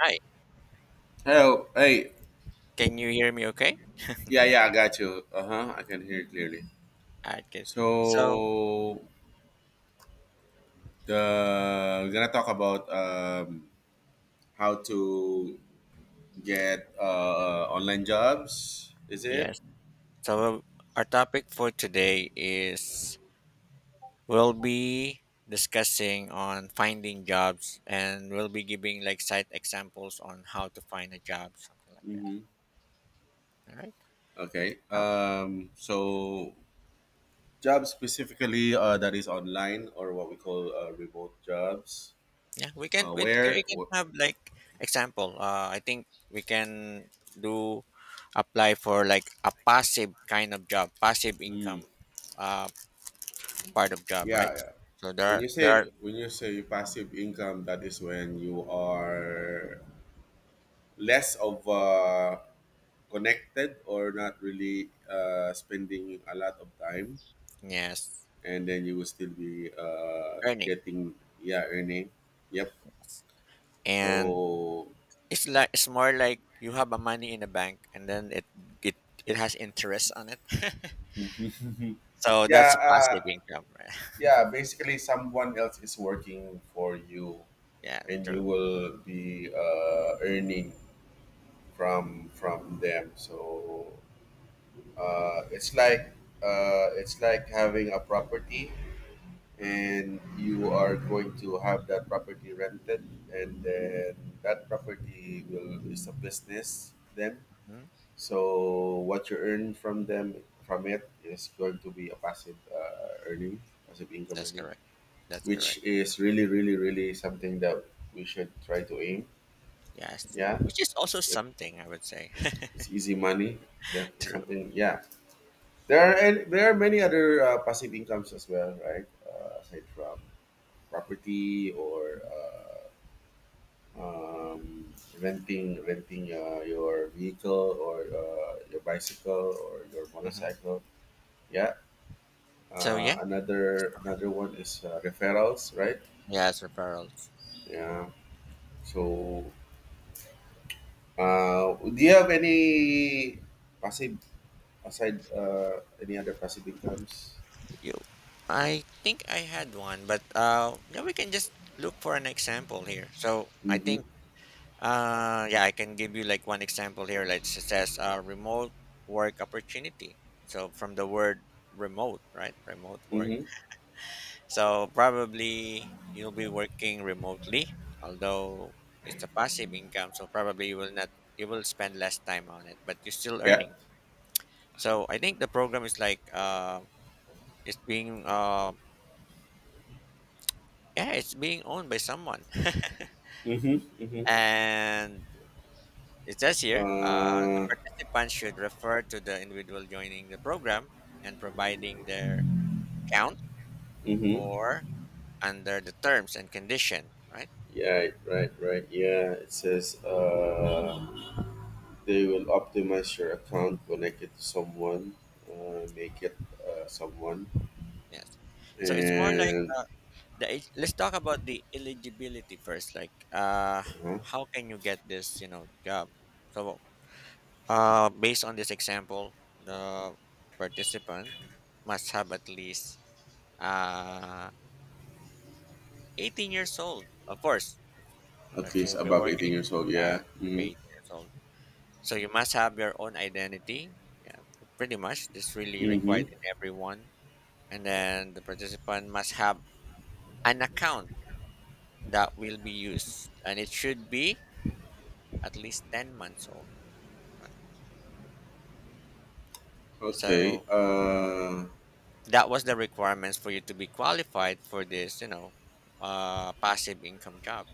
Hi, Hello. Hey. can you hear me okay? Yeah, yeah, I got you. Uh-huh. I can hear it clearly. Alright, good. So, So the we're gonna talk about how to get online jobs, is it? yes. So, our topic for today is we'll be discussing on finding jobs and we'll be giving like site examples on how to find a job, something like that. Mm-hmm. All right. Okay. Oh, So jobs specifically that is online or what we call remote jobs. yeah, we can Uh we where can wh- have like example. I think we can do apply for like a passive kind of job, passive Hmm. income uh part of job, Yeah, right? yeah. So When you there are say when you say passive income, that is when you are less of connected or not really spending a lot of time, yes, and then you will still be earning. getting, yeah, earning, yep. And So it's like it's more like you have a money in the bank and then it it has interest on it. So that's yeah, a passive income, right? yeah, basically someone else is working for you Yeah, and you true. will be earning from them. So it's like, it's like having a property Mm-hmm. and you are going to have that property rented, and then that property will is a business then. Hmm. So what you earn from them, from it, is going to be a passive earning, passive income That's earning, correct. That's which correct. is really, really, really something that we should try to aim. Yes, Yeah, which is it's, also something I would say. it's easy money. That is True. something, yeah. There are, and there are many other passive incomes as well, right? Aside from property or um, renting your vehicle or your bicycle or your Hmm. motorcycle. Yeah. So Uh, yeah, another another one is referrals, right? yes, referrals. Yeah. So, do you have any passive, aside any other passive incomes? You, I think I had one, but yeah, we can just look for an example here. So I Mm-hmm. think yeah, I can give you like one example here. Like it says, remote work opportunity. So from the word remote, right? Remote work. Mm-hmm. So probably you'll be working remotely, although it's a passive income. So probably you will not, you will spend less time on it, but you're still Yeah. earning. So I think the program is like, it's being, uh, yeah, it's being owned by someone, Mm-hmm. Mm-hmm. and it says here, the Uh, participants should refer to the individual joining the program and providing their account mm-hmm. for under the terms and condition, right? Yeah. Right. Right. Right. Yeah. It says. They will optimize your account, connect it to someone, make it someone, Yes. So it's more like and let's talk about the eligibility first. Like, uh, how can you get this, you know, job? So, based on this example, the participant must have at least uh 18 years old, of course. at If least you've been above 18 working, years old. yeah, Yeah. to be Mm-hmm. 18 years old. So you must have your own identity. Yeah, pretty much. This really Mm-hmm. required in everyone. And then the participant must have an account that will be used. And it should be at least 10 months old. Right? Okay. So that was the requirements for you to be qualified for this, you know, passive income job.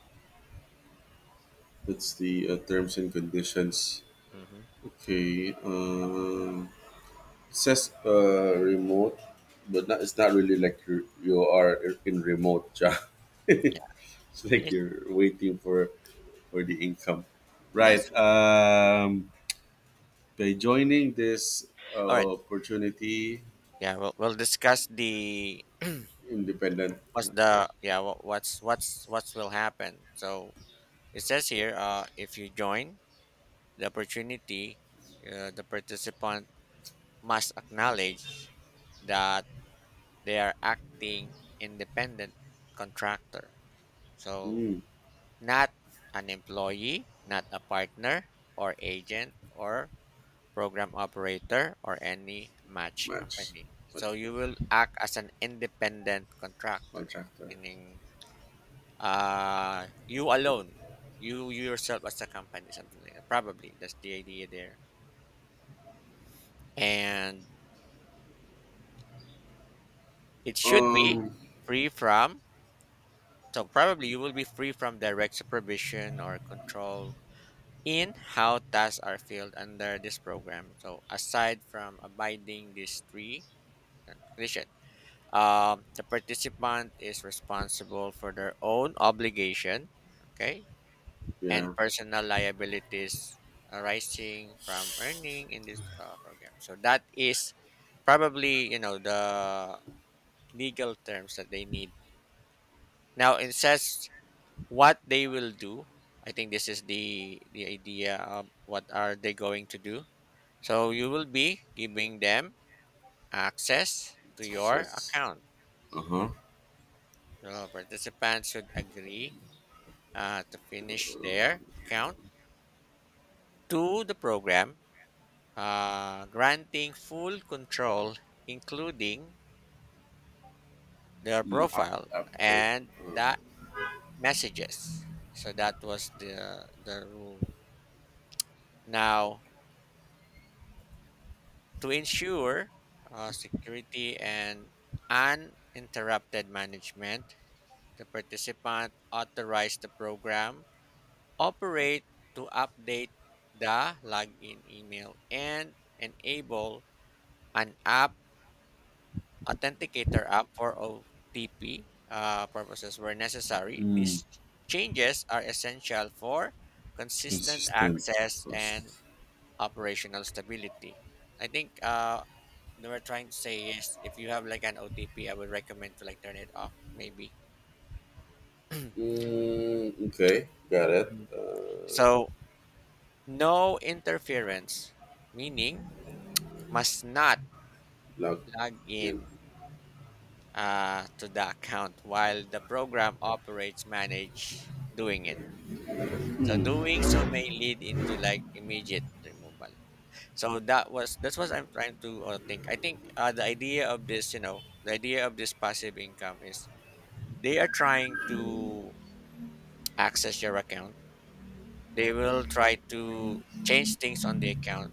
That's the terms and conditions. Hmm. Okay. It says remote, but not, it's not really like you are in remote job. Yeah, It's like it- you're waiting for the income, right? that's it. By joining this All right. Opportunity, We'll discuss the independent, what's the yeah what, what's will happen. So it says here, if you join the opportunity, the participant must acknowledge that they are acting independent contractor, so mm, not an employee, not a partner or agent or program operator or any match match, company. what- So you will act as an independent contractor, contractor. meaning you alone, you yourself as a company, something like that, probably that's the idea there. And it should be Um, free from, so probably you will be free from direct supervision or control in how tasks are filled under this program. So aside from abiding these three conditions, the participant is responsible for their own obligation, okay, and yeah, personal liabilities arising from earning in this program. So that is probably you know the legal terms that they need. Now it says what they will do. I think this is the idea of what are they going to do. So you will be giving them access to your success. account. Uh huh. Mhm. The participants should agree to finish their account to the program, granting full control, including their Mm, up, profile update. and Uh-huh. the messages. So that was the rule. Now, to ensure security and uninterrupted management, the participant authorized the program operate to update the login email and enable an app Authenticator app for OTP purposes where necessary. Mm, These changes are essential for consistent consistent access and cost. operational stability. I think they were trying to say is if you have like an OTP, I would recommend to like turn it off maybe. Mm, okay, got it. Mhm. So no interference, meaning must not Log log in. in to the account while the program operates manage doing it. So doing so may lead into like immediate removal. So that was that's what I'm trying to think. I think the idea of this, you know, the idea of this passive income is they are trying to access your account. They will try to change things on the account.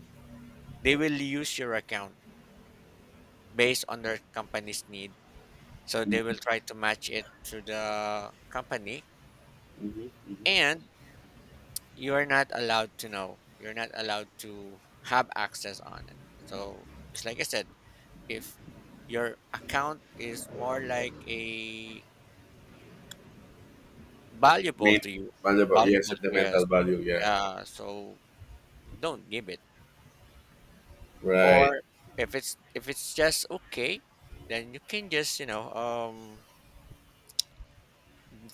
They will use your account based on their company's need. So they Mm-hmm, will try to match it to the company, mm-hmm, mm-hmm. and you are not allowed to know. You're not allowed to have access on it. So just like I said, if your account is more like a valuable Main to you, valuable, yeah, valuable to sentimental us, value, yeah. yeah. So don't give it. Right. Or if it's just okay, then you can just you know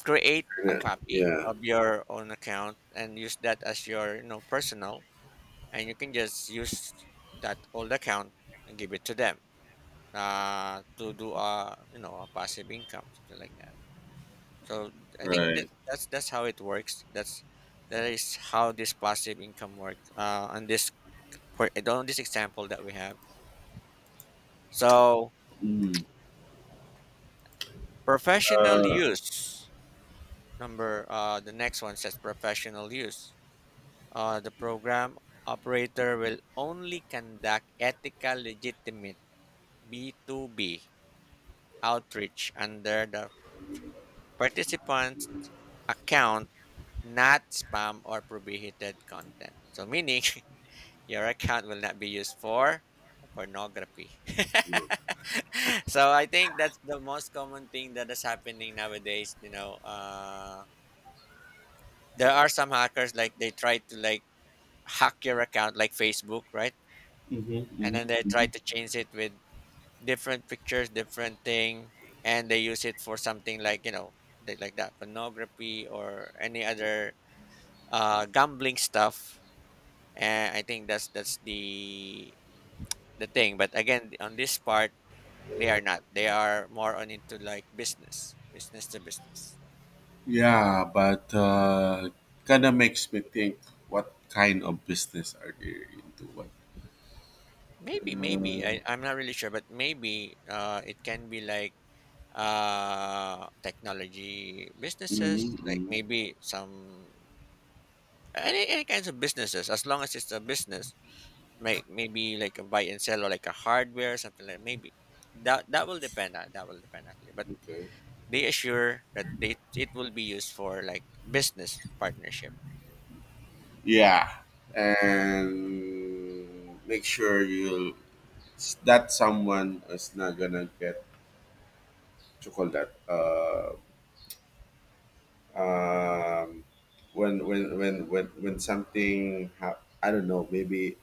create a Yeah, copy yeah. of your own account and use that as your you know personal, and you can just use that old account and give it to them to do a you know a passive income, something like that. So I think that Right. that's how it works. That is how this passive income works on this example that we have. So Mm. professional use, number the next one says professional use, the program operator will only conduct ethical legitimate B2B outreach under the participant's account, not spam or prohibited content. So meaning your account will not be used for pornography. So I think that's the most common thing that is happening nowadays. You know, there are some hackers like they try to like hack your account like Facebook, right? Mhm, And mhm, then they try mhm. to change it with different pictures, different thing, and they use it for something like you know, they, like that pornography or any other gambling stuff. And I think that's the thing. But again, on this part, they are not. They are more on into like business, business to business. Yeah, but kind of makes me think, what kind of business are they into? What? Maybe, maybe Uh, I, I'm not really sure, but maybe it can be like technology mhm, businesses, like mhm. maybe some any kinds of businesses. As long as it's a business, maybe like a buy and sell or like a hardware, something like maybe that. That will depend. Uh, that will depend actually. But Okay. they assure that they, it will be used for like business partnership. Yeah, Hmm. and make sure you that someone is not gonna get chocolate. Um, when something I don't know, maybe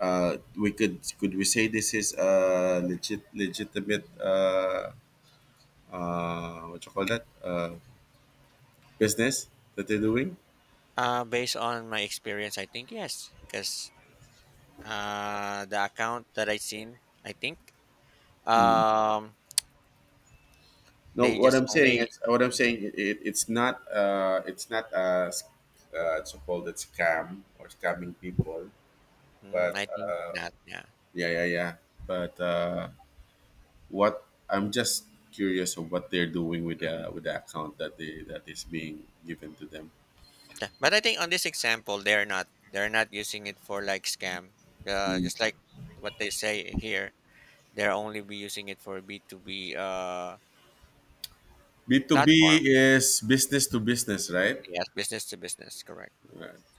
we could we say this is a legit, legitimate what you call that, business that they're doing? Based on my experience, I think yes, because the account that I seen, I think Hmm. um, No, they what just I'm saying only. is what I'm saying. It, it, it's not a so called a scam or scamming people, Mm, but I think not. Yeah. yeah, yeah, yeah. But what I'm just curious of what they're doing with Hmm. the account that they, that is being given to them. Yeah. But I think on this example, they're not. They're not using it for like scam. Just like what they say here, they're only be using it for B two B B two B platform. is business to business, right? Yes, business to business. Correct.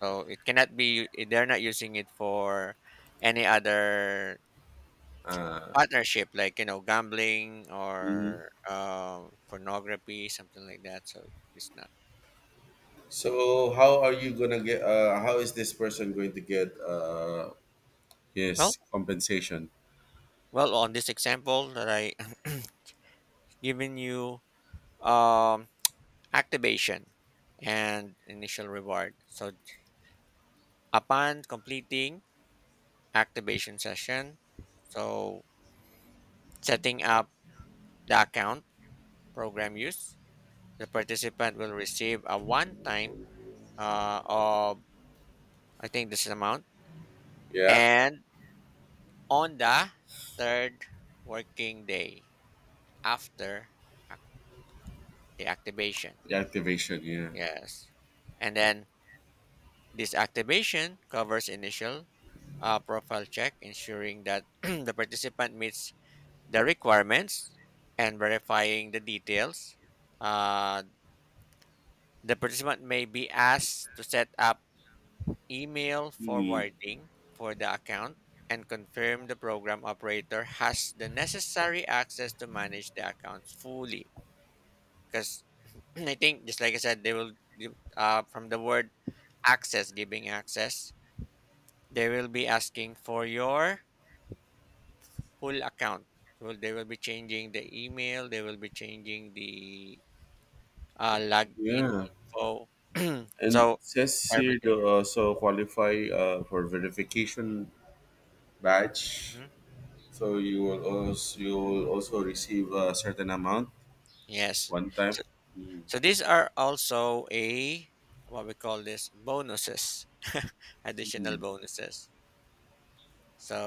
So it cannot be eh, they're not using it for any other partnership like you know gambling or pornography, something like that. So it's not. So how are you gonna get? How is this person going to get Well, his compensation? On this example that I given you, um, activation and initial reward. So upon completing activation session, so setting up the account program use, the participant will receive a one time of, I think this is amount. Yeah, And on the third working day after ac- the activation. the activation. Yeah. Yes. And then this activation covers initial profile check, ensuring that the participant meets the requirements and verifying the details. Uh, the participant may be asked to set up email Hmm. forwarding for the account and confirm the program operator has the necessary access to manage the accounts fully. Because I think, just like I said, they will, from the word access, giving access, they will be asking for your whole account. So they will be changing the email, they will be changing the login Yeah. info. And So, it says here everything. to also qualify for verification badge. Mhm. So you will also, you will also receive a certain amount Yes. one time. Mm. So these are also a what we call this bonuses, additional Mm. bonuses. So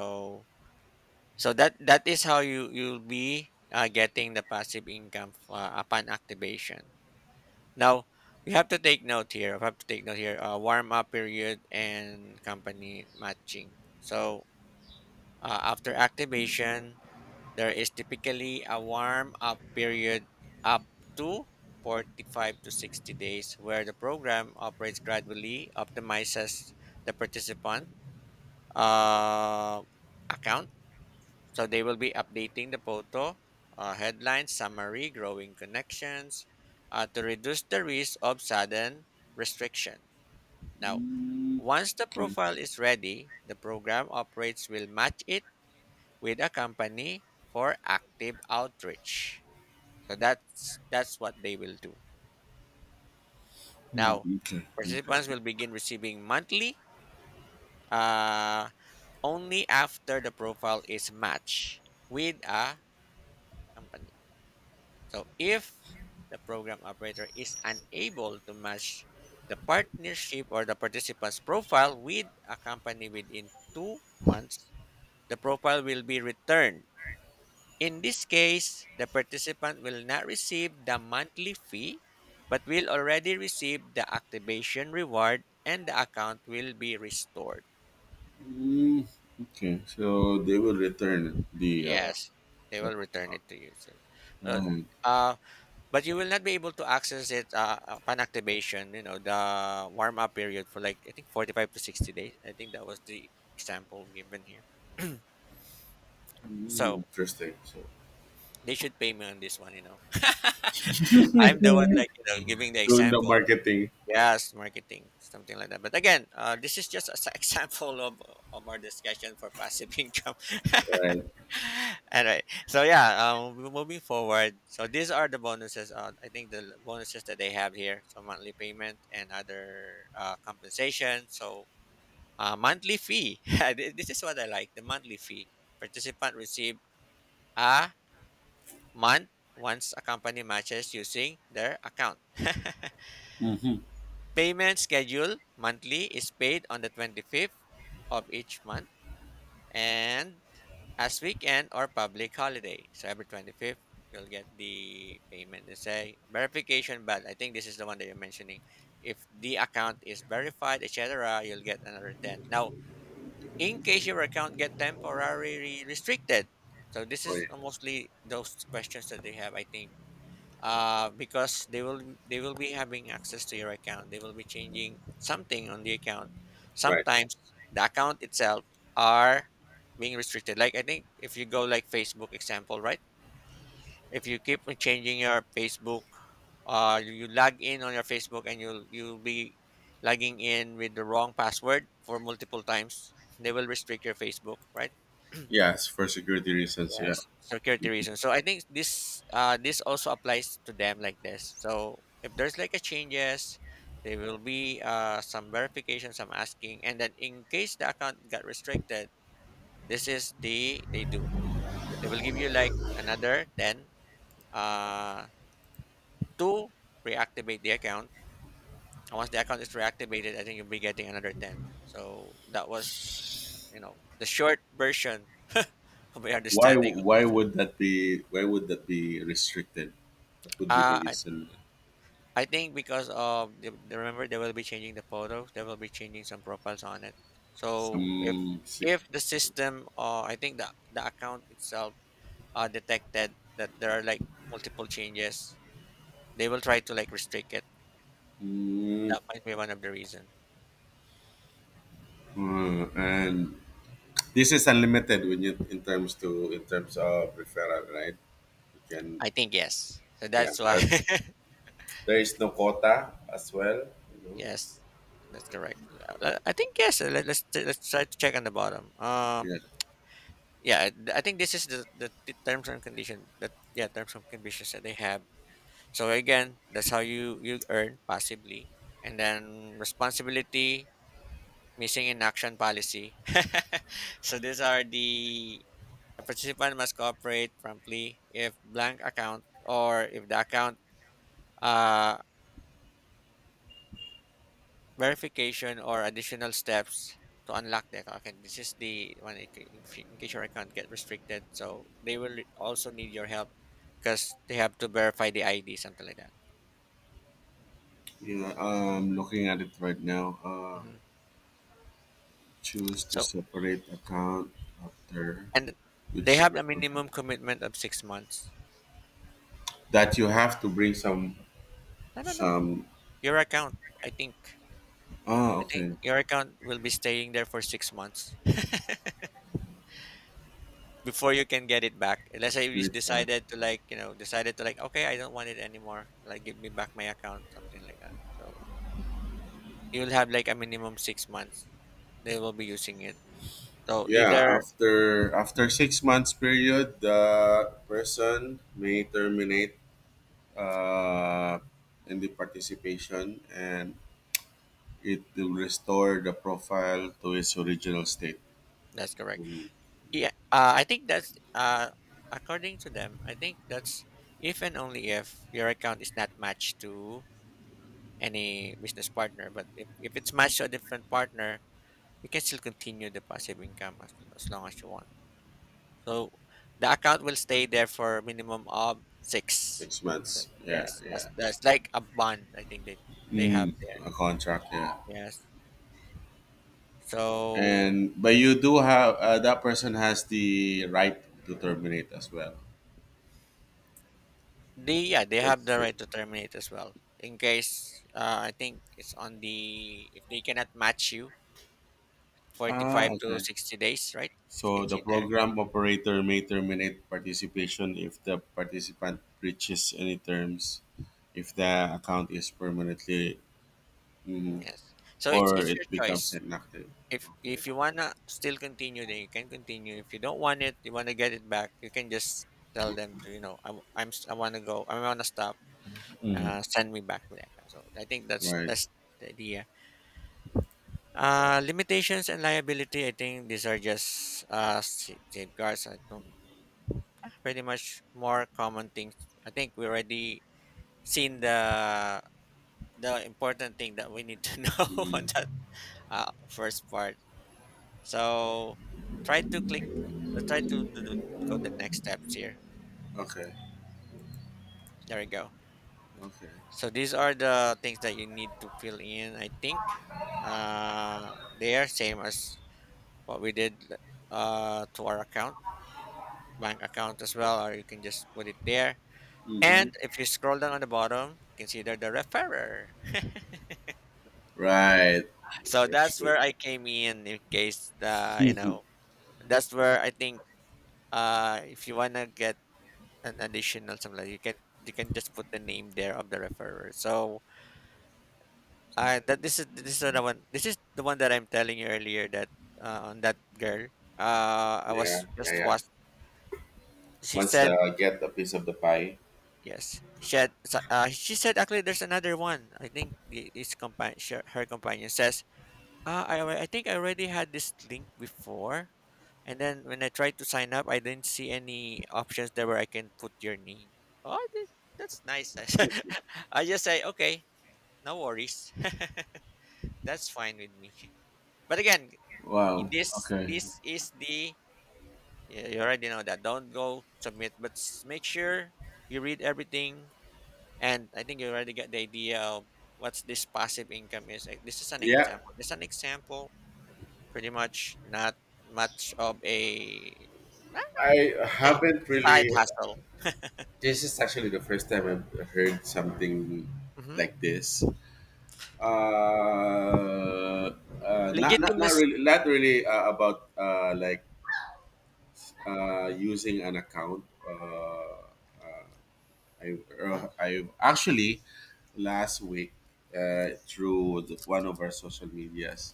so that that is how you you'll be getting the passive income upon activation. Now you have to take note here. I have to take note here. Warm up period and company matching. So after activation, there is typically a warm up period up to 45 to 60 days where the program operates gradually, optimizes the participant uh, account. So they will be updating the photo, headline, summary, growing connections to reduce the risk of sudden restriction. Now, Mm. once the Okay. profile is ready, the program operates will match it with a company for active outreach. So that's what they will do. Hmm, Now, okay. participants Interesting. will begin receiving monthly uh, only after the profile is matched with a company. So if the program operator is unable to match the partnership or the participant's profile with a company within 2 months, the profile will be returned. In this case, the participant will not receive the monthly fee but will already receive the activation reward and the account will be restored. Mm. Okay. So they will return the Yes, they so will return account. it to you. So, uh, Um, uh, but you will not be able to access it upon activation, the warm up period for like, I think 45 to 60 days. I think that was the example given here. mm, So interesting. So, they should pay me on this one. I'm the one like giving the doing the example. marketing. Yes, marketing, something like that. But again, this is just an example of our discussion for passive income. Right, All right. So yeah, we're moving forward. So these are the bonuses. I think the bonuses that they have here, so monthly payment and other compensation. So monthly fee. This is what I like. The monthly fee. Participant receive a month once a company matches using their account. Payment schedule monthly is paid on the 25th of each month and as weekend or public holiday. So every 25th, you'll get the payment. They say verification, but I think this is the one that you're mentioning. If the account is verified, etc., you'll get another 10. Now, in case your account get temporarily restricted, so this is right, mostly those questions that they have, I think because they will be having access to your account. They will be changing something on the account. right. Sometimes the account itself are being restricted. Like I think if you go like Facebook example, right? If you keep on changing your Facebook, you log in on your Facebook and you'll be logging in with the wrong password for multiple times. They will restrict your Facebook, right? Yes, for security reasons. Yeah. Yes, security reasons. So I think this also applies to them like this. So if there's like a changes, there will be some verification, some asking, and then in case the account got restricted, this is the they do. They will give you like another 10 uh to reactivate the account. And once the account is reactivated, I think you'll be getting another 10. So that was the short version of my Why? understanding of Why this one. would that be? Why would that be restricted? That would be the I reason. Think because of remember they will be changing the photos, they will be changing some profiles on it. So if Some. se- if the system or I think the account itself detected that there are like multiple changes, they will try to like restrict it. Mm, That might be one of the reason. And this is unlimited when you in terms to in terms of referral, right? You can, I think yes. So yeah. that's why But there is no quota as well, you know. yes, that's correct. I think yes. Let's try to check on the bottom. Yeah. Yeah, I think this is the terms and condition that, yeah, terms and conditions that they have. So again, that's how you earn passively, and then responsibility, missing in action policy. So these are the participant must cooperate promptly if blank account or if the account uh, verification or additional steps to unlock the account. Okay, this is the one in ca- in f- in case your account get restricted. So they will also need your help because they have to verify the ID, something like that. You know, looking at it right now. Mhm. Choose to So separate account after, And they which have is a minimum commitment of 6 months. that you have to bring some No, no, no. some. Your account, I think. Oh, I think okay. your account will be staying there for 6 months before you can get it back. Unless I Bring just it back. decided to like, okay, I don't want it anymore. Like, give me back my account, something like that. So you'll have like a minimum 6 months. They will be using it. So Yeah, either after 6 months period, the person may terminate uh, in the participation, and it will restore the profile to its original state that's correct. in Yeah, I think that's according to them. I think that's if and only if your account is not matched to any business partner. But if it's matched to a different partner, you can still continue the passive income as long as you want. So the account will stay there for a minimum of six. six months yeah, Yes, that's yeah. that's like a bond. I think they have Mm, there. a contract, yeah. Yes. So And but you do have that person has the right to terminate as well, they, yeah, they have that's the it. right to terminate as well in case I think it's on the if they cannot match you forty Ah, five to okay. 60 days, right? You So can the see there. program operator may terminate participation if the participant breaches any terms, if the account is permanently, mhm, Yes, so it's or it's your it becomes choice. inactive. If Okay. if you wanna still continue, then you can continue. If you don't want it, you wanna get it back, you can just tell them to I wanna go, I wanna stop. Send me back my account. So I think that's Right. that's the idea. Limitations and liability. I think these are just safeguards. I don't pretty much more common things. I think we already seen the important thing that we need to know on Mhm. that first part. So try to click, try to go the next steps here. Okay. There we go. Okay. So these are the things that you need to fill in. I think they are same as what we did to our account, bank account as well, or you can just put it there. Hmm. And if you scroll down on the bottom, consider the referrer. Right. So That's that's good. where I came in case, that's where I think if you want to get an additional something like you can just put the name there of the referrer. So I that this is the one, that I'm telling you earlier, that on that girl. I Yeah, was yeah, just yeah, watch. She once said I get a piece of the pie. yes. She said actually there's another one. I think the- his companion her companion says I think I already had this link before. And then when I tried to sign up, I didn't see any options there where I can put your name. Oh, that's nice. I just say okay, no worries. That's fine with me. But again, Wow. this Okay. this is the, yeah, you already know that. Don't go submit, but make sure you read everything. And I think you already get the idea of what's this passive income is. Like, this is an Yeah, example. This is an example. Pretty much not much of a, well, I say haven't side really. hustle. This is actually the first time I've heard something Mm-hmm. like this. Not not not Legitimacy. really not really about like using an account. I actually last week through the, one of our social medias,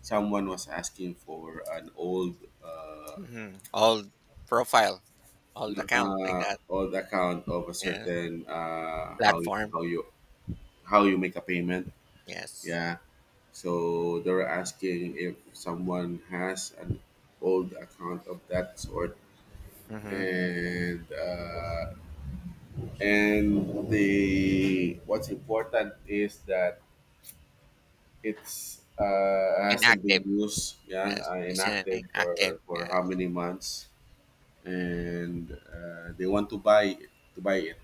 someone was asking for an old. Uh, Mm-hmm. All profile, all account like that. on the account of a Yeah. certain how, Platform. how you how you make a payment. Yes. Yeah. So they were asking if someone has an old account of that sort, Mm-hmm. and uh, and the what's important is that it's hasn't been Inactive. used, yeah, Yes. It's an inactive inactive. for how Yes. many months, and they want to buy it,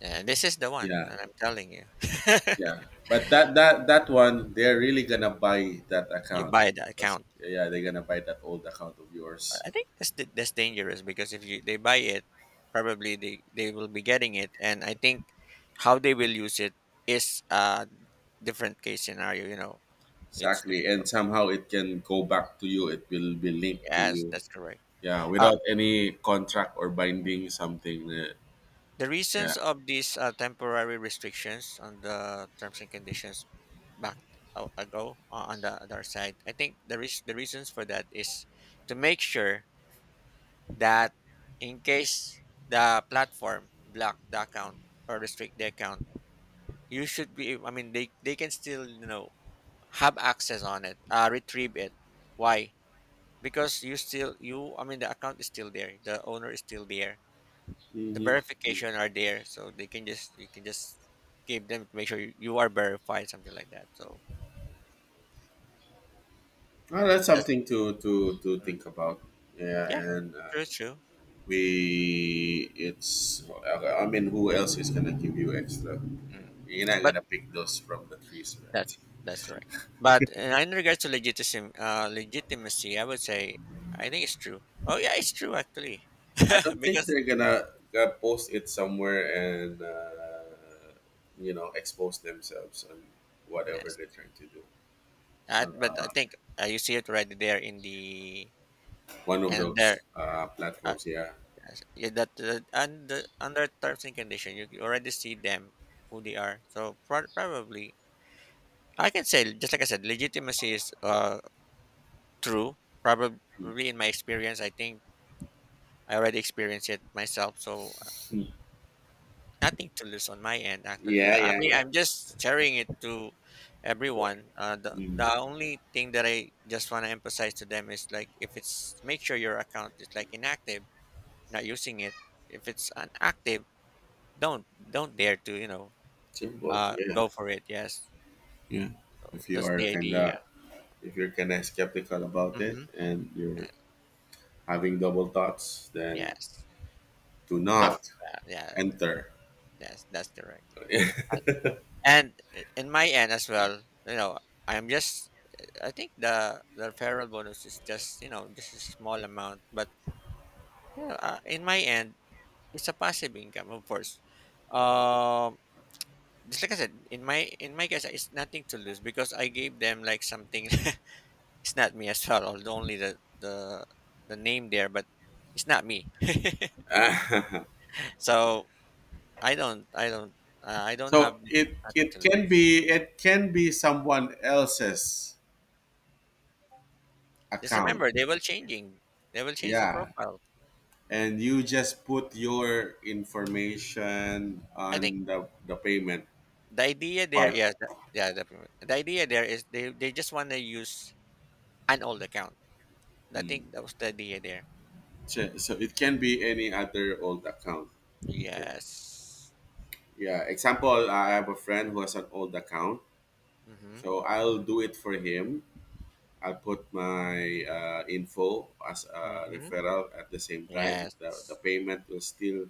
Yeah, this is the one yeah. that I'm telling you. Yeah, but that one they're really gonna buy that You account, buy the because account. yeah, they're gonna buy that old account of But yours. I think that's that's dangerous because if you they buy it, probably they will be getting it, and I think how they will use it is a different case scenario. It's Exactly, and difficult. somehow it can go back to you. It will be linked to Yes, you. that's correct. Yeah, Uh, without any contract or binding something. Uh, The reasons yeah. of these temporary restrictions on the terms and conditions back ago, on the other side, I think the reasons for that is to make sure that in case the platform block the account or restrict the account, you should be. I mean, they can still, have access on it, retrieve it. Why? Because you still you. I mean, the account is still there. The owner is still there, the Hmm. verification are there, so they can just you can just give them to make sure you are verified, something like that. So Well, that's that's something to mm, think about. Yeah, yeah, and true, true. we it's I mean, who else is gonna give you extra? mm. You're not But gonna pick those from the trees, that right? that's right, but in regards to legitimacy I would say I think it's true. Oh yeah, it's true actually. I don't think Because they're gonna post it somewhere and you know, expose themselves on whatever yes, they're trying to do. Uh, but I think you see it right there in the, one of and those there, uh, platforms, yeah. yes, yeah, that, and the, under terms and condition you already see them who they are, so probably I can say, just like I said, legitimacy is true. Probably in my experience, I think I already experienced it myself. So Mm. nothing to lose on my end, actually. Yeah, I yeah, mean, yeah. I'm just sharing it to Sure. everyone. The, Mm. the only thing that I just want to emphasize to them is like, if it's make sure your account is like inactive, not using it. If it's unactive, don't don't dare to Simple, yeah, go for it. Yes, yeah. If you that's are the idea. kinda, if you're kinda skeptical about it Hmm. and you're having double thoughts, then Yes, do don't. not Yeah, enter. yes, that's correct. Uh, And in my end as well, I'm just I think the referral bonus is just, just a small amount, but, in my end, it's a passive income, of course. Um, just like I said, in my case, it's nothing to lose because I gave them like something. It's not me as well, although only the name there, but it's not me. So I don't I don't I don't have So it nothing to lose. It can be someone else's Just account. remember, they will changing. They will change the Yeah. profile. And you just put your information I think on the payment the idea there, part. Yeah the, the idea there is they just want to use an old account. I Mm. think that was the idea there. So, so it can be any other old account. Okay. Yes. Yeah. Example, I have a friend who has an old account. Mm-hmm. So I'll do it for him. I'll put my info as a Mm-hmm. referral at the same time. The Yes, payment will still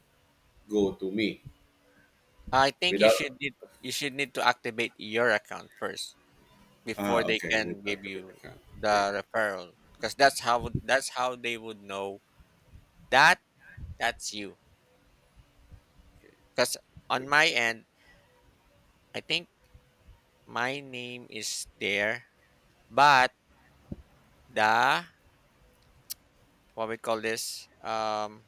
go to me I think without. You should need to activate your account first Ah, before they okay. Let's can talk give about you the car. the Yeah. referral, because that's how they would know that that's you. Okay. Because on Okay. my end, I think my name is there, but the, what we call this,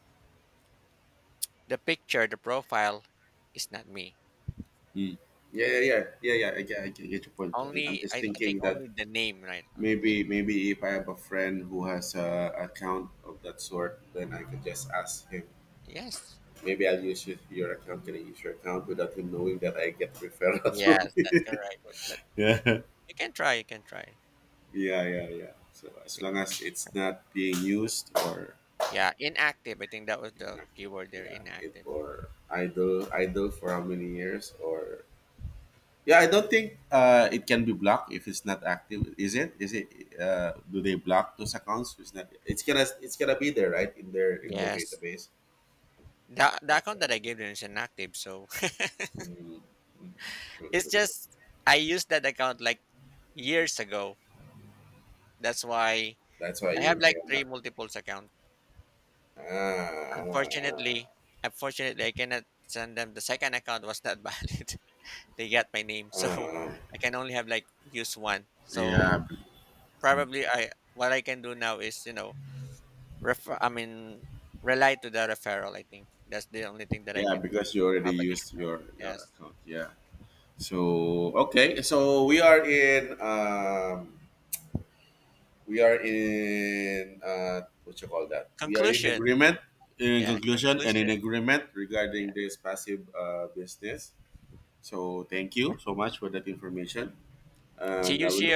the profile is not me. Mm. Yeah, yeah, yeah, yeah, yeah. I get your point. I- I'm Only just I think thinking that only the name, right? Maybe, maybe if I have a friend who has a account of that sort, then I could just ask him. Yes. Maybe I'll use your account. Can I use your account without him knowing that I get referrals from Yes, you? that's correct, but, Yeah. you can try you can try. Yeah, yeah, yeah. So as Y- long as it's not being used or yeah, inactive. I think that was the inactive, keyword there. yeah, it Inactive. or idle, idle for how many years or. Yeah, I don't think it can be blocked if it's not active. Is it? Is it? Do they block those accounts? It's not. It's gonna. It's gonna be there, right? In their Yes. database. The account Okay. that I gave them is inactive, so Mm, mm. True. it's True. True. just I used that account like years ago. That's why That's why I have you like can. Ah, three multiples account. ah, Unfortunately, ah, I cannot send them. The second account was not valid. They got my name, so ah. I can only have like use one. Yeah. So probably I what I can do now is, refer. I mean, rely to the referral. I think that's the only thing that I Yeah. can do. Because you already Have used additional, your yes. account. Yeah. So okay. So we are in. We are in what you call that? We are in Conclusion. agreement, in Yeah. conclusion, and in Conclusion. agreement regarding Yeah. this passive business. So thank Yeah. you so much for that information, See and I you. will See look. you.